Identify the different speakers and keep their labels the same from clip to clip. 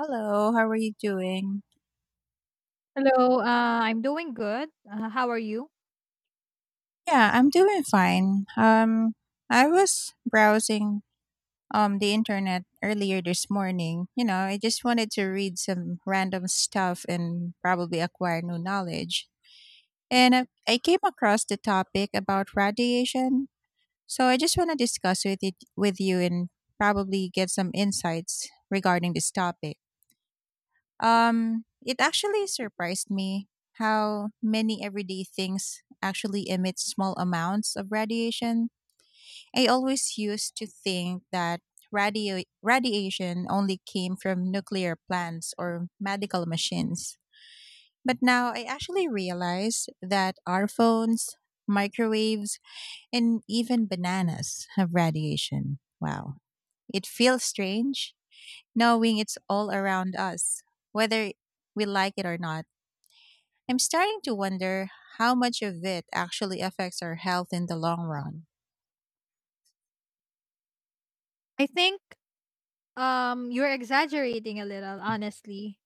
Speaker 1: Hello, how are you doing?
Speaker 2: Hello, I'm doing good. How are you?
Speaker 1: Yeah, I'm doing fine. I was browsing the internet earlier this morning. You know, I just wanted to read some random stuff and probably acquire new knowledge. And I came across the topic about radiation, so I just want to discuss with it with you and probably get some insights regarding this topic. It actually surprised me how many everyday things actually emit small amounts of radiation. I always used to think that radio radiation only came from nuclear plants or medical machines. But now I actually realize that our phones, microwaves, and even bananas have radiation. Wow. It feels strange knowing it's all around us, whether we like it or not. I'm starting to wonder how much of it actually affects our health in the long run.
Speaker 2: I think you're exaggerating a little, honestly.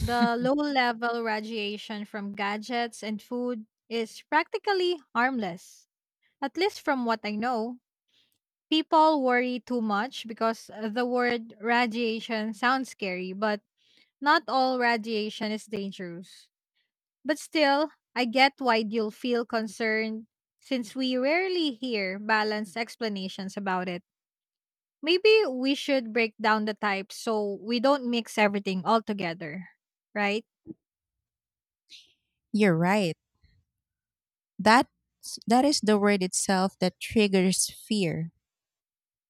Speaker 2: The low level radiation from gadgets and food is practically harmless, at least from what I know. People worry too much because the word radiation sounds scary, but not all radiation is dangerous. But still, I get why you'll feel concerned since we rarely hear balanced explanations about it. Maybe we should break down the types so we don't mix everything all together, right?
Speaker 1: You're right. That that is the word itself that triggers fear.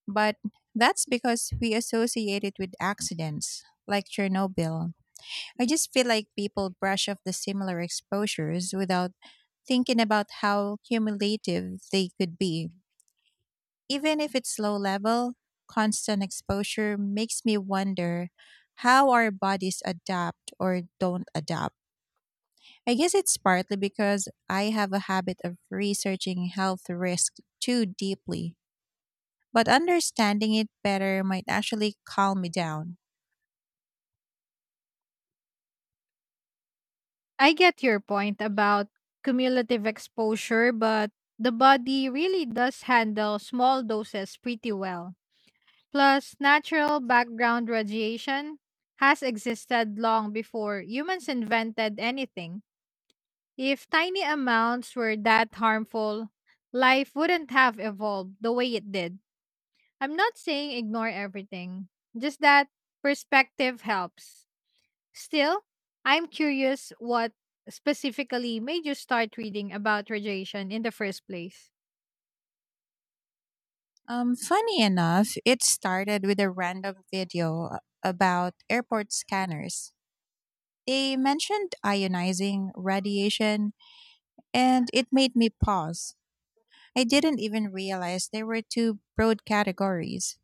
Speaker 1: But that's because we associate it with accidents like Chernobyl. I just feel like people brush off the similar exposures without thinking about how cumulative they could be. Even if it's low level, constant exposure makes me wonder how our bodies adapt or don't adapt. I guess it's partly because I have a habit of researching health risk too deeply, but understanding it better might actually calm me down.
Speaker 2: I get your point about cumulative exposure, but the body really does handle small doses pretty well. Plus, natural background radiation has existed long before humans invented anything. If tiny amounts were that harmful, life wouldn't have evolved the way it did. I'm not saying ignore everything, just that perspective helps. Still, I'm curious what specifically made you start reading about radiation in the first place.
Speaker 1: Funny enough, it started with a random video about airport scanners. They mentioned ionizing radiation, and it made me pause. I didn't even realize there were two broad categories,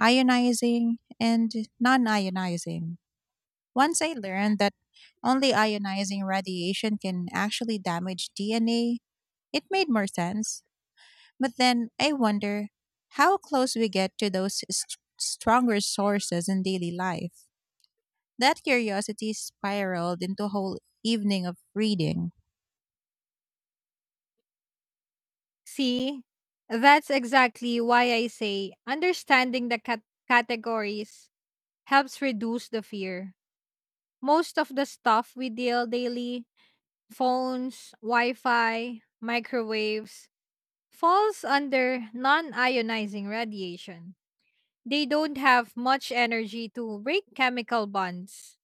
Speaker 1: ionizing and non ionizing. Once I learned that only ionizing radiation can actually damage DNA, it made more sense. But then I wonder how close we get to those stronger sources in daily life. That curiosity spiraled into a whole evening of reading.
Speaker 2: See, that's exactly why I say understanding the categories helps reduce the fear. Most of the stuff we deal daily, phones, Wi Fi, microwaves, falls under non ionizing radiation. They don't have much energy to break chemical bonds.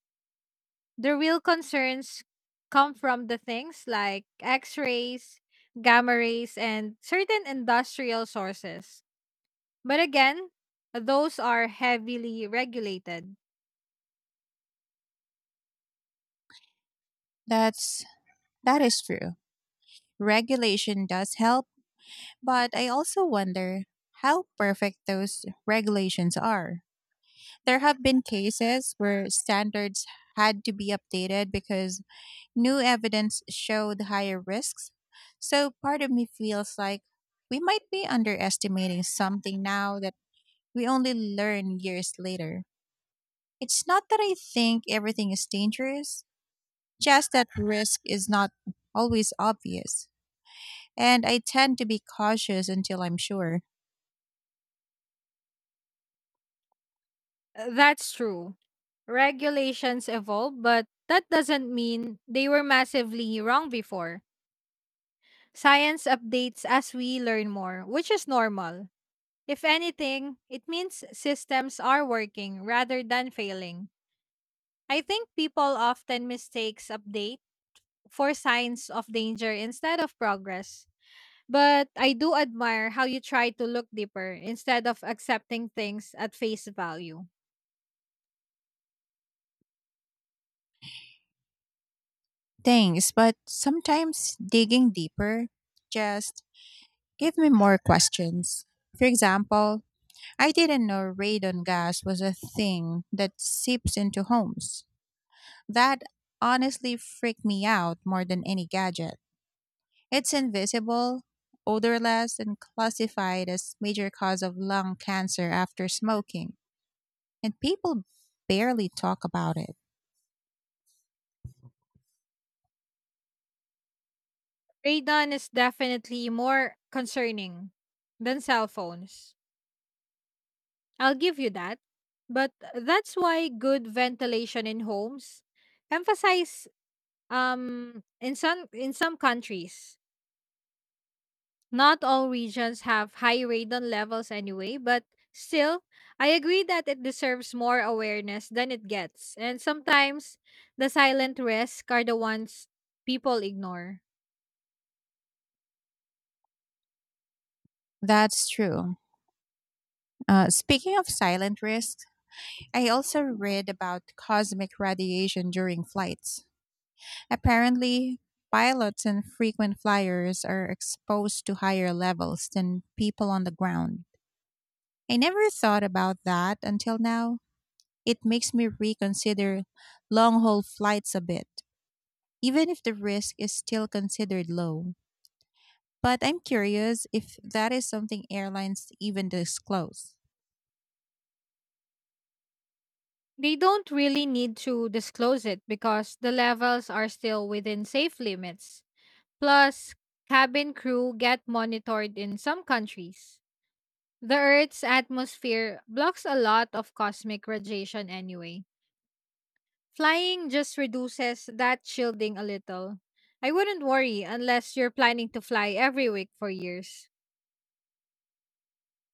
Speaker 2: The real concerns come from the things like X rays, gamma rays, and certain industrial sources. But again, those are heavily regulated.
Speaker 1: That's that is true. Regulation does help. But I also wonder how perfect those regulations are. There have been cases where standards had to be updated because new evidence showed higher risks. So part of me feels like we might be underestimating something now that we only learn years later. It's not that I think everything is dangerous, just that risk is not always obvious. And I tend to be cautious until I'm sure.
Speaker 2: That's true. Regulations evolve, but that doesn't mean they were massively wrong before. Science updates as we learn more, which is normal. If anything, it means systems are working rather than failing. I think people often mistakes update for signs of danger instead of progress. But I do admire how you try to look deeper instead of accepting things at face value.
Speaker 1: Thanks, but sometimes digging deeper just gave me more questions. For example, I didn't know radon gas was a thing that seeps into homes. That honestly freaked me out more than any gadget. It's invisible, odorless, and classified as major cause of lung cancer after smoking, and people barely talk about it.
Speaker 2: Radon is definitely more concerning than cell phones. I'll give you that. But that's why good ventilation in homes emphasize in some countries. Not all regions have high radon levels anyway, but still, I agree that it deserves more awareness than it gets. And sometimes the silent risks are the ones people ignore.
Speaker 1: That's true. Speaking of silent risks, I also read about cosmic radiation during flights. Apparently, pilots and frequent flyers are exposed to higher levels than people on the ground. I never thought about that until now. It makes me reconsider long haul flights a bit, even if the risk is still considered low. But I'm curious if that is something airlines even disclose.
Speaker 2: They don't really need to disclose it because the levels are still within safe limits. Plus, cabin crew get monitored in some countries. The Earth's atmosphere blocks a lot of cosmic radiation anyway. Flying just reduces that shielding a little. I wouldn't worry unless you're planning to fly every week for years.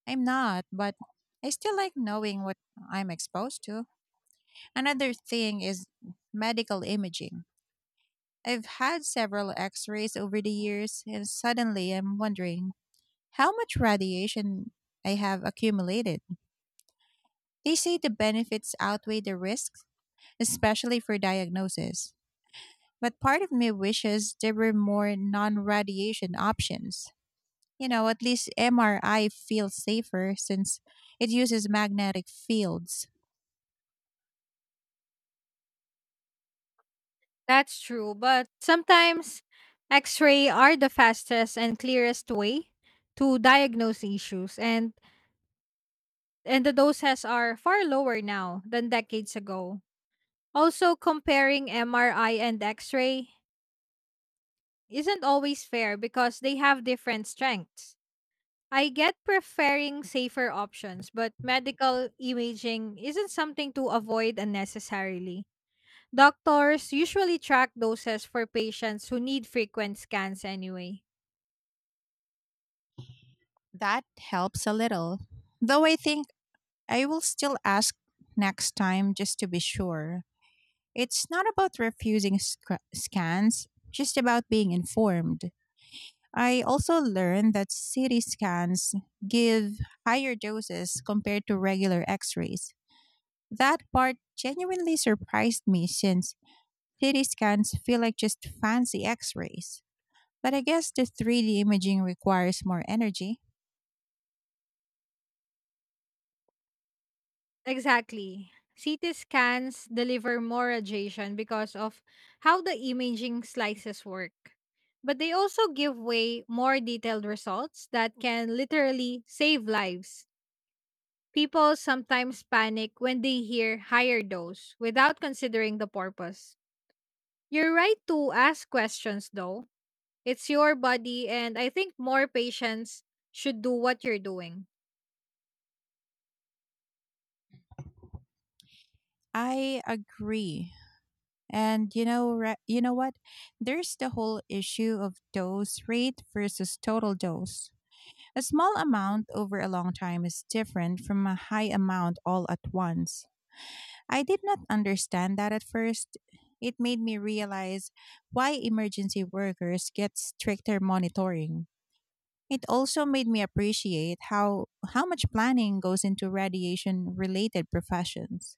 Speaker 1: I'm not, but I still like knowing what I'm exposed to. Another thing is medical imaging. I've had several x rays over the years, and suddenly I'm wondering how much radiation I have accumulated. They say the benefits outweigh the risks especially for diagnosis. But part of me wishes there were more non radiation options. You know, at least MRI feels safer since it uses magnetic fields.
Speaker 2: That's true, but sometimes X ray are the fastest and clearest way to diagnose issues and the doses are far lower now than decades ago. Also, comparing MRI and X ray isn't always fair because they have different strengths. I get preferring safer options, but medical imaging isn't something to avoid unnecessarily. Doctors usually track doses for patients who need frequent scans anyway.
Speaker 1: That helps a little. Though I think I will still ask next time just to be sure. It's not about refusing scans, just about being informed. I also learned that CT scans give higher doses compared to regular x rays. That part genuinely surprised me since CT scans feel like just fancy x rays. But I guess the 3D imaging requires more energy.
Speaker 2: Exactly. CT scans deliver more radiation because of how the imaging slices work. But they also give way more detailed results that can literally save lives. People sometimes panic when they hear higher dose without considering the purpose. You're right to ask questions though. It's your body and I think more patients should do what you're doing.
Speaker 1: I agree. And you know what? There's the whole issue of dose rate versus total dose. A small amount over a long time is different from a high amount all at once. I did not understand that at first. It made me realize why emergency workers get stricter monitoring. It also made me appreciate how much planning goes into radiation related professions.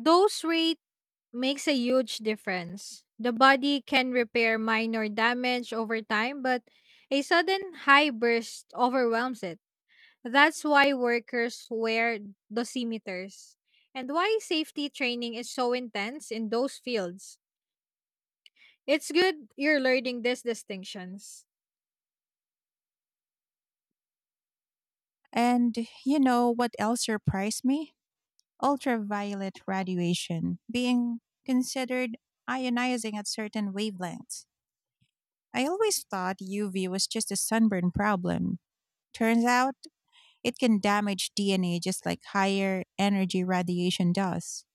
Speaker 2: Dose rate makes a huge difference. The body can repair minor damage over time, but a sudden high burst overwhelms it. That's why workers wear dosimeters and why safety training is so intense in those fields. It's good you're learning these distinctions.
Speaker 1: And you know what else surprised me? Ultraviolet radiation being considered ionizing at certain wavelengths. I always thought UV was just a sunburn problem. Turns out it can damage DNA just like higher energy radiation does.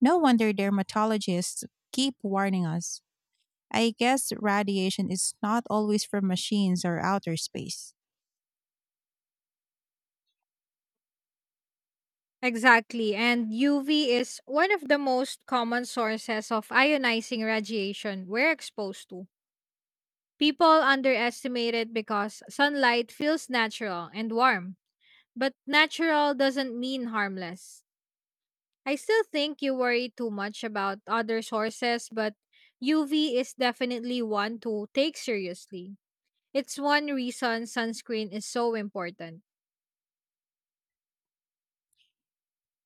Speaker 1: No wonder dermatologists keep warning us. I guess radiation is not always from machines or outer space.
Speaker 2: Exactly, and UV is one of the most common sources of ionizing radiation we're exposed to. People underestimate it because sunlight feels natural and warm, but natural doesn't mean harmless. I still think you worry too much about other sources, but UV is definitely one to take seriously. It's one reason sunscreen is so important.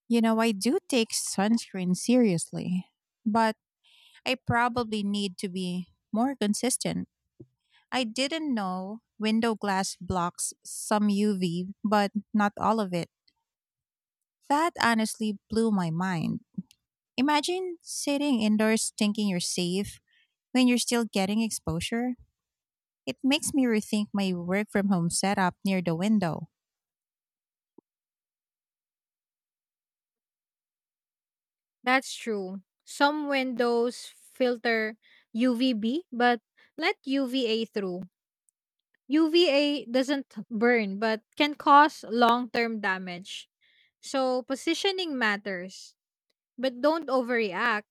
Speaker 1: You know, I do take sunscreen seriously, but I probably need to be more consistent. I didn't know window glass blocks some UV, but not all of it. That honestly blew my mind. Imagine sitting indoors thinking you're safe, when you're still getting exposure, it makes me rethink my work from home setup near the window.
Speaker 2: That's true. Some windows filter UVB, but let UVA through. UVA doesn't burn but can cause long term damage. So positioning matters, but don't overreact.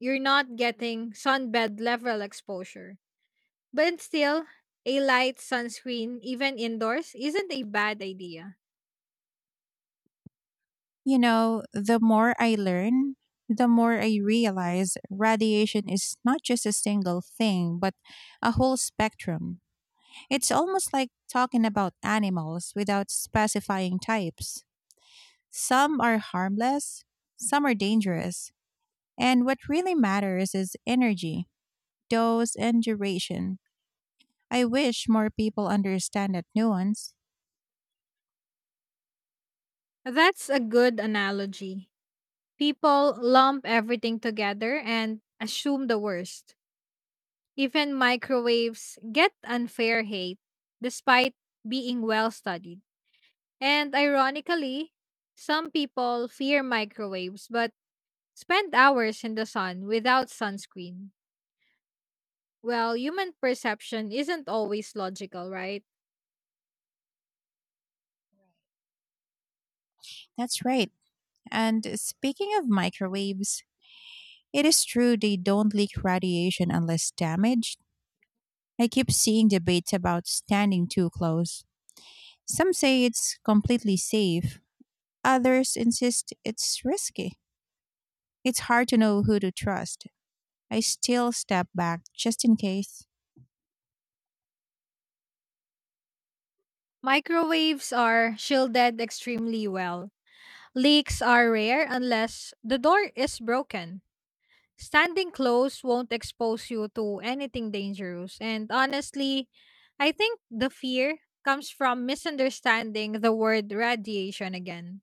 Speaker 2: You're not getting sunbed level exposure. But still, a light sunscreen, even indoors, isn't a bad idea.
Speaker 1: You know, the more I learn, the more I realize radiation is not just a single thing, but a whole spectrum. It's almost like talking about animals without specifying types. Some are harmless, some are dangerous, and what really matters is energy, dose, and duration. I wish more people understand that nuance.
Speaker 2: That's a good analogy. People lump everything together and assume the worst. Even microwaves get unfair hate despite being well studied. And ironically, some people fear microwaves, but spend hours in the sun without sunscreen. Well, human perception isn't always logical, right?
Speaker 1: That's right. And speaking of microwaves, it is true they don't leak radiation unless damaged. I keep seeing debates about standing too close. Some say it's completely safe, others insist it's risky. It's hard to know who to trust. I still step back just in case.
Speaker 2: Microwaves are shielded extremely well. Leaks are rare unless the door is broken. Standing close won't expose you to anything dangerous. And honestly, I think the fear comes from misunderstanding the word radiation again.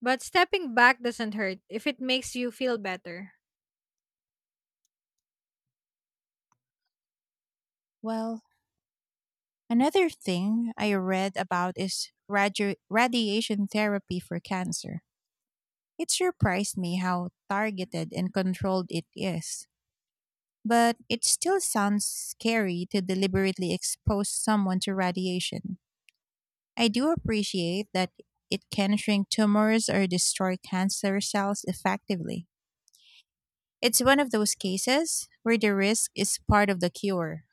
Speaker 2: But stepping back doesn't hurt if it makes you feel better.
Speaker 1: Well, another thing I read about is radiation therapy for cancer. It surprised me how targeted and controlled it is. But it still sounds scary to deliberately expose someone to radiation. I do appreciate that it can shrink tumors or destroy cancer cells effectively. It's one of those cases where the risk is part of the cure.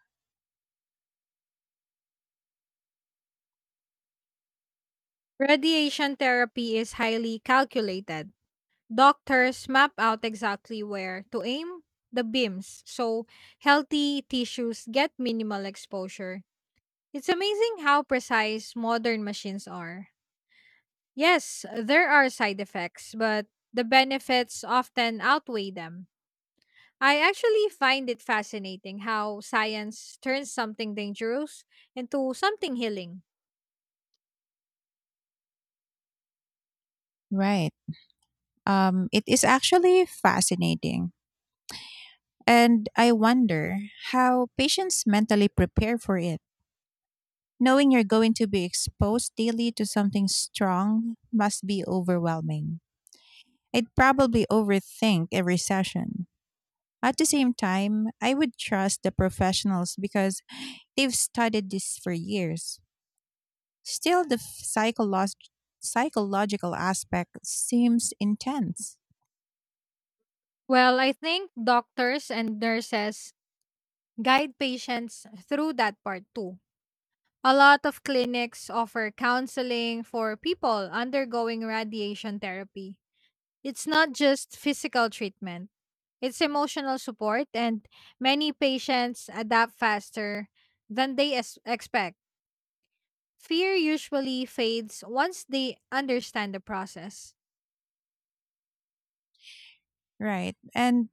Speaker 2: Radiation therapy is highly calculated. Doctors map out exactly where to aim the beams so healthy tissues get minimal exposure. It's amazing how precise modern machines are. Yes, there are side effects, but the benefits often outweigh them. I actually find it fascinating how science turns something dangerous into something healing.
Speaker 1: Right. It is actually fascinating. And I wonder how patients mentally prepare for it. Knowing you're going to be exposed daily to something strong must be overwhelming. I'd probably overthink every session. At the same time, I would trust the professionals because they've studied this for years. Still, the psychological aspect seems intense.
Speaker 2: Well, I think doctors and nurses guide patients through that part too. A lot of clinics offer counseling for people undergoing radiation therapy. It's not just physical treatment, it's emotional support, and many patients adapt faster than they expect. Fear usually fades once they understand the process.
Speaker 1: Right. And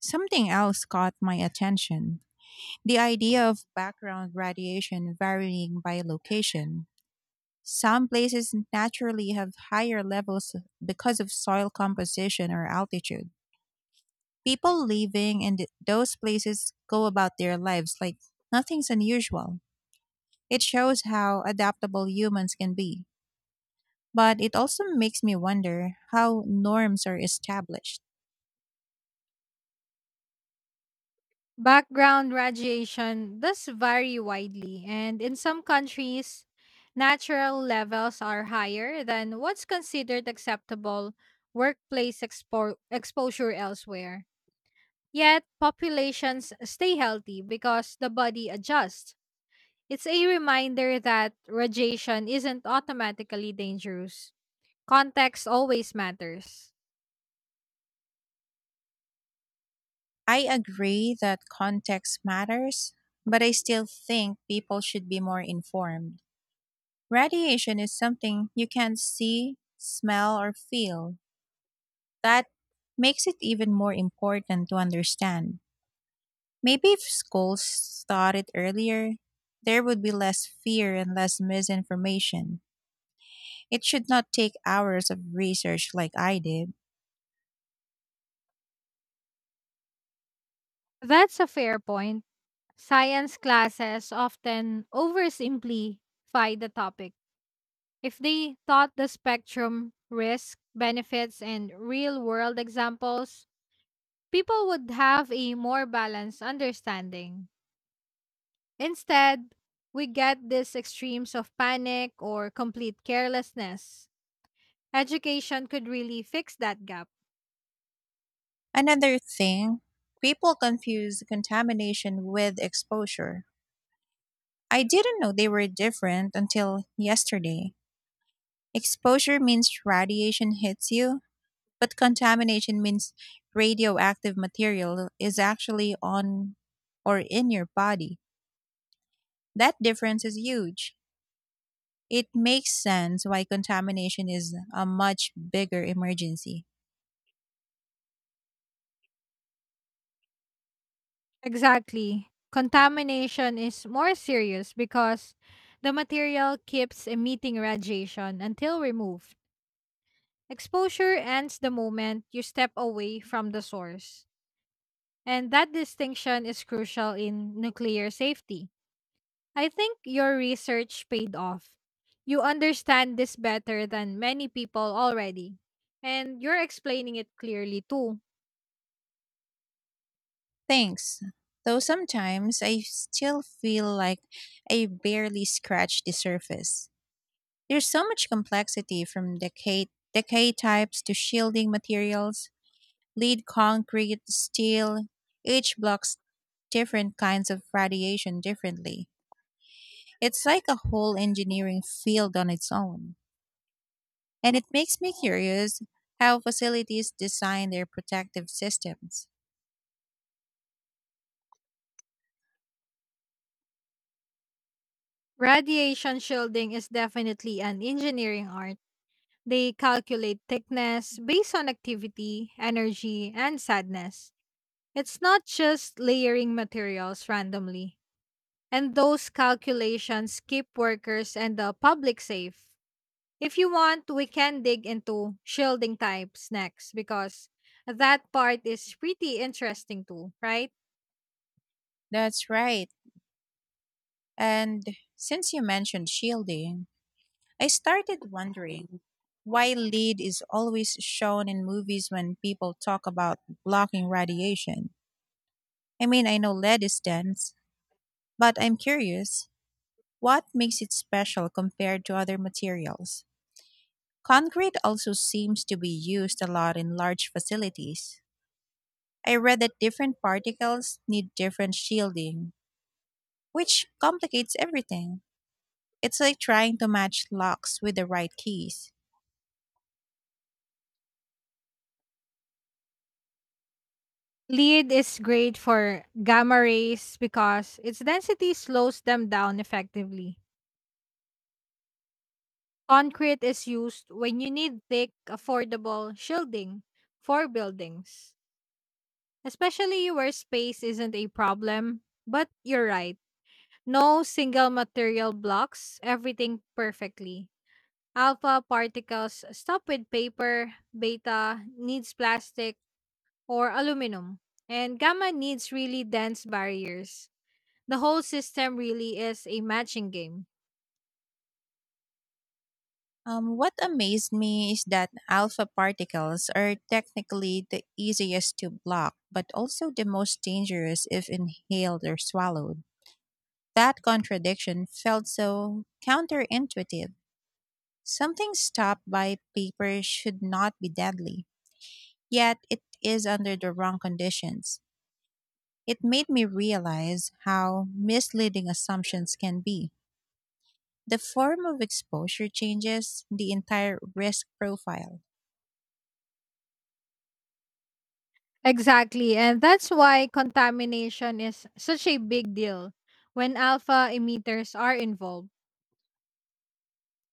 Speaker 1: something else caught my attention, the idea of background radiation varying by location. Some places naturally have higher levels because of soil composition or altitude. People living in those places go about their lives like nothing's unusual. It shows how adaptable humans can be. But it also makes me wonder how norms are established.
Speaker 2: Background radiation does vary widely, and in some countries, natural levels are higher than what's considered acceptable exposure elsewhere. Yet, populations stay healthy because the body adjusts. It's a reminder that radiation isn't automatically dangerous. Context always matters.
Speaker 1: I agree that context matters, but I still think people should be more informed. Radiation is something you can't see, smell, or feel. That makes it even more important to understand. Maybe if schools started earlier, there would be less fear and less misinformation. It should not take hours of research like I did.
Speaker 2: That's a fair point. Science classes often oversimplify the topic. If they taught the spectrum, risk, benefits, and real world examples, people would have a more balanced understanding. Instead, we get these extremes of panic or complete carelessness. Education could really fix that gap.
Speaker 1: Another thing, people confuse contamination with exposure. I didn't know they were different until yesterday. Exposure means radiation hits you, but contamination means radioactive material is actually on or in your body. That difference is huge. It makes sense why contamination is a much bigger emergency.
Speaker 2: Exactly. Contamination is more serious because the material keeps emitting radiation until removed. Exposure ends the moment you step away from the source. And that distinction is crucial in nuclear safety. I think your research paid off. You understand this better than many people already. And you're explaining it clearly too.
Speaker 1: Thanks. Though sometimes I still feel like I barely scratched the surface. There's so much complexity from decay types to shielding materials. Lead concrete, steel, each blocks different kinds of radiation differently. It's like a whole engineering field on its own. And it makes me curious how facilities design their protective systems.
Speaker 2: Radiation shielding is definitely an engineering art. They calculate thickness based on activity, energy, and sadness. It's not just layering materials randomly, and those calculations keep workers and the public safe. If you want, we can dig into shielding types next because that part is pretty interesting too, right?
Speaker 1: That's right. And since you mentioned shielding, I started wondering why lead is always shown in movies when people talk about blocking radiation. I mean, I know lead is dense, but I'm curious what makes it special compared to other materials? Concrete also seems to be used a lot in large facilities. I read that different particles need different shielding, which complicates everything. It's like trying to match locks with the right keys.
Speaker 2: Lead is great for gamma rays because its density slows them down effectively. Concrete is used when you need thick, affordable shielding for buildings, especially where space isn't a problem. But you're right, no single material blocks everything perfectly. Alpha particles stop with paper, beta needs plastic or aluminum, and gamma needs really dense barriers. The whole system really is a matching game.
Speaker 1: What amazed me is that alpha particles are technically the easiest to block, but also the most dangerous if inhaled or swallowed. That contradiction felt so counterintuitive. Something stopped by paper should not be deadly, yet it is under the wrong conditions. It made me realize how misleading assumptions can be. The form of exposure changes the entire risk profile.
Speaker 2: Exactly, and that's why contamination is such a big deal when alpha emitters are involved.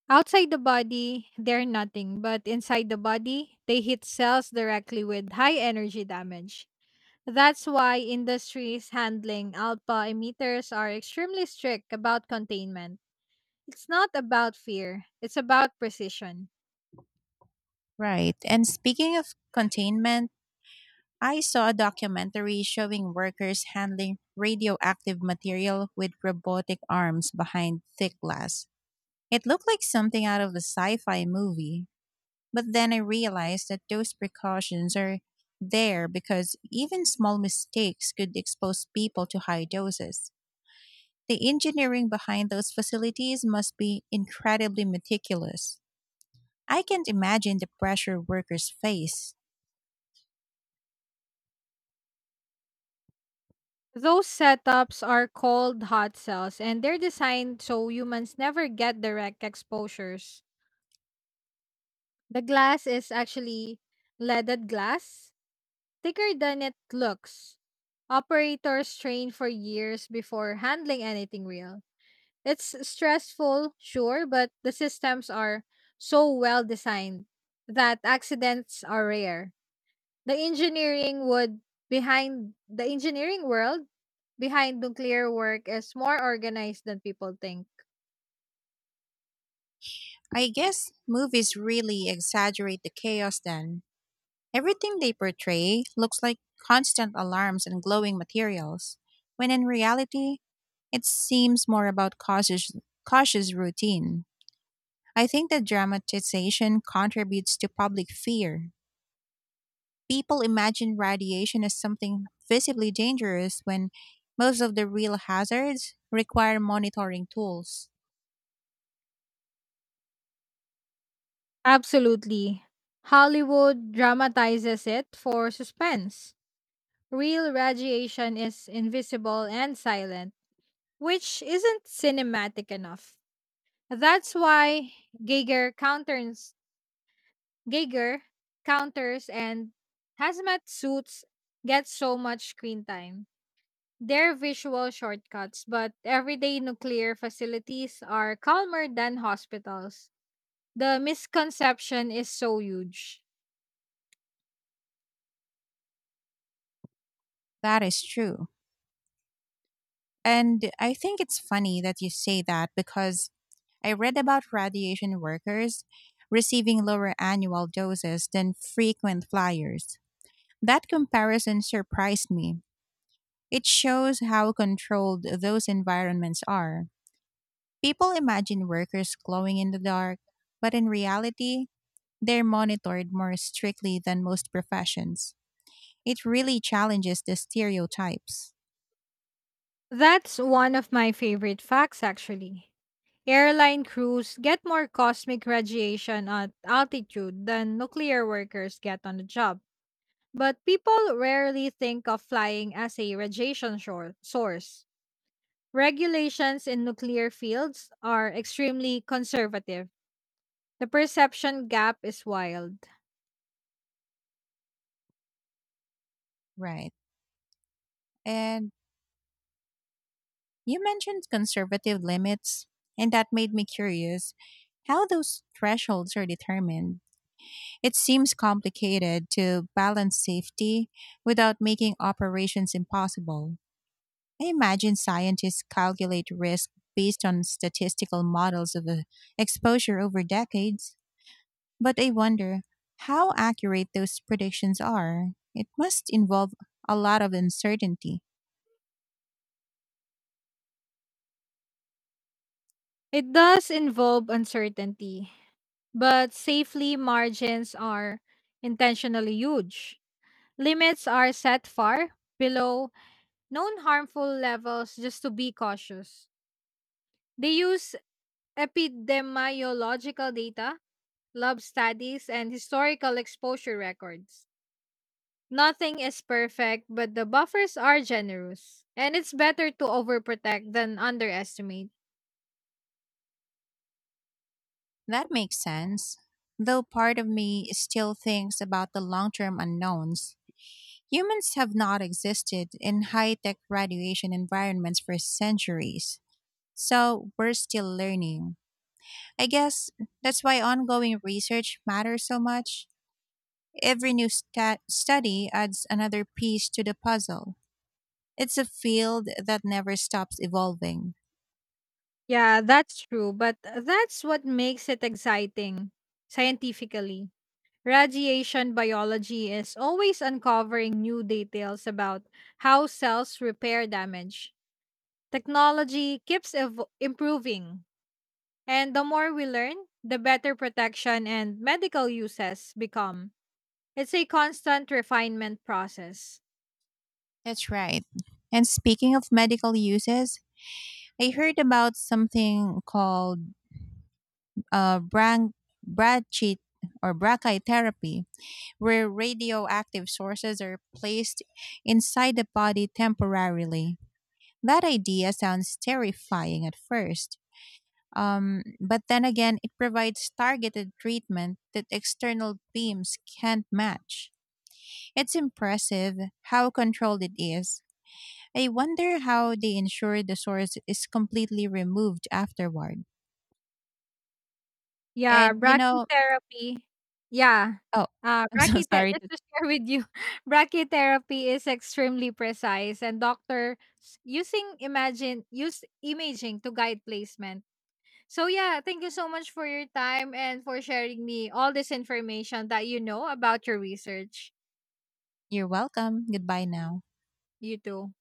Speaker 2: Outside the body, they're nothing, but inside the body, they hit cells directly with high energy damage. That's why industries handling alpha emitters are extremely strict about containment. It's not about fear, it's about precision.
Speaker 1: Right. And speaking of containment, I saw a documentary showing workers handling radioactive material with robotic arms behind thick glass. It looked like something out of a sci fi movie, but then I realized that those precautions are there because even small mistakes could expose people to high doses. The engineering behind those facilities must be incredibly meticulous. I can't imagine the pressure workers face.
Speaker 2: Those setups are called hot cells and they're designed so humans never get direct exposures. The glass is actually leaded glass, thicker than it looks. Operators train for years before handling anything real. It's stressful, sure, but the systems are so well designed that accidents are rare. The engineering would behind the engineering world behind nuclear work is more organized than people think.
Speaker 1: I guess movies really exaggerate the chaos then. Everything they portray looks like constant alarms and glowing materials, when in reality, it seems more about cautious routine. I think the dramatization contributes to public fear. People imagine radiation as something visibly dangerous when most of the real hazards require monitoring tools.
Speaker 2: Absolutely. Hollywood dramatizes it for suspense. Real radiation is invisible and silent, which isn't cinematic enough. That's why Geiger counters Geiger counters and hazmat suits get so much screen time. They're visual shortcuts, but everyday nuclear facilities are calmer than hospitals. The misconception is so huge.
Speaker 1: That is true. And I think it's funny that you say that because I read about radiation workers receiving lower annual doses than frequent flyers. That comparison surprised me. It shows how controlled those environments are. People imagine workers glowing in the dark, but in reality, they're monitored more strictly than most professions. It really challenges the stereotypes.
Speaker 2: That's one of my favorite facts, actually. Airline crews get more cosmic radiation at altitude than nuclear workers get on the job, but people rarely think of flying as a radiation source. Regulations in nuclear fields are extremely conservative. The perception gap is wild.
Speaker 1: Right. And you mentioned conservative limits, and that made me curious how those thresholds are determined. It seems complicated to balance safety without making operations impossible. I imagine scientists calculate risk based on statistical models of exposure over decades, but I wonder how accurate those predictions are. It must involve a lot of uncertainty.
Speaker 2: It does involve uncertainty, but safely margins are intentionally huge. Limits are set far below known harmful levels just to be cautious. They use epidemiological data, lab studies, and historical exposure records. Nothing is perfect, but the buffers are generous. And it's better to overprotect than underestimate.
Speaker 1: That makes sense, though part of me still thinks about the long term unknowns. Humans have not existed in high tech radiation environments for centuries, so we're still learning. I guess that's why ongoing research matters so much. Every new study adds another piece to the puzzle. It's a field that never stops evolving.
Speaker 2: Yeah, that's true, but that's what makes it exciting scientifically. Radiation biology is always uncovering new details about how cells repair damage. Technology keeps improving, and the more we learn, the better protection and medical uses become. It's a constant refinement process.
Speaker 1: That's right. And speaking of medical uses, I heard about something called uh, brach- brachy brachytherapy, where radioactive sources are placed inside the body temporarily. That idea sounds terrifying at first. But then again, it provides targeted treatment that external teams can't match. It's impressive how controlled it is. I wonder how they ensure the source is completely removed afterward.
Speaker 2: Yeah,
Speaker 1: And you know,
Speaker 2: brachytherapy. Yeah.
Speaker 1: oh, I'm so
Speaker 2: Brachythe
Speaker 1: sorry.
Speaker 2: Just
Speaker 1: To,
Speaker 2: to share with you, brachytherapy is extremely precise, and doctor using imagine use imaging to guide placement. So yeah, thank you so much for your time and for sharing me all this information that you know about your research.
Speaker 1: you're welcome. Goodbye now.
Speaker 2: You too.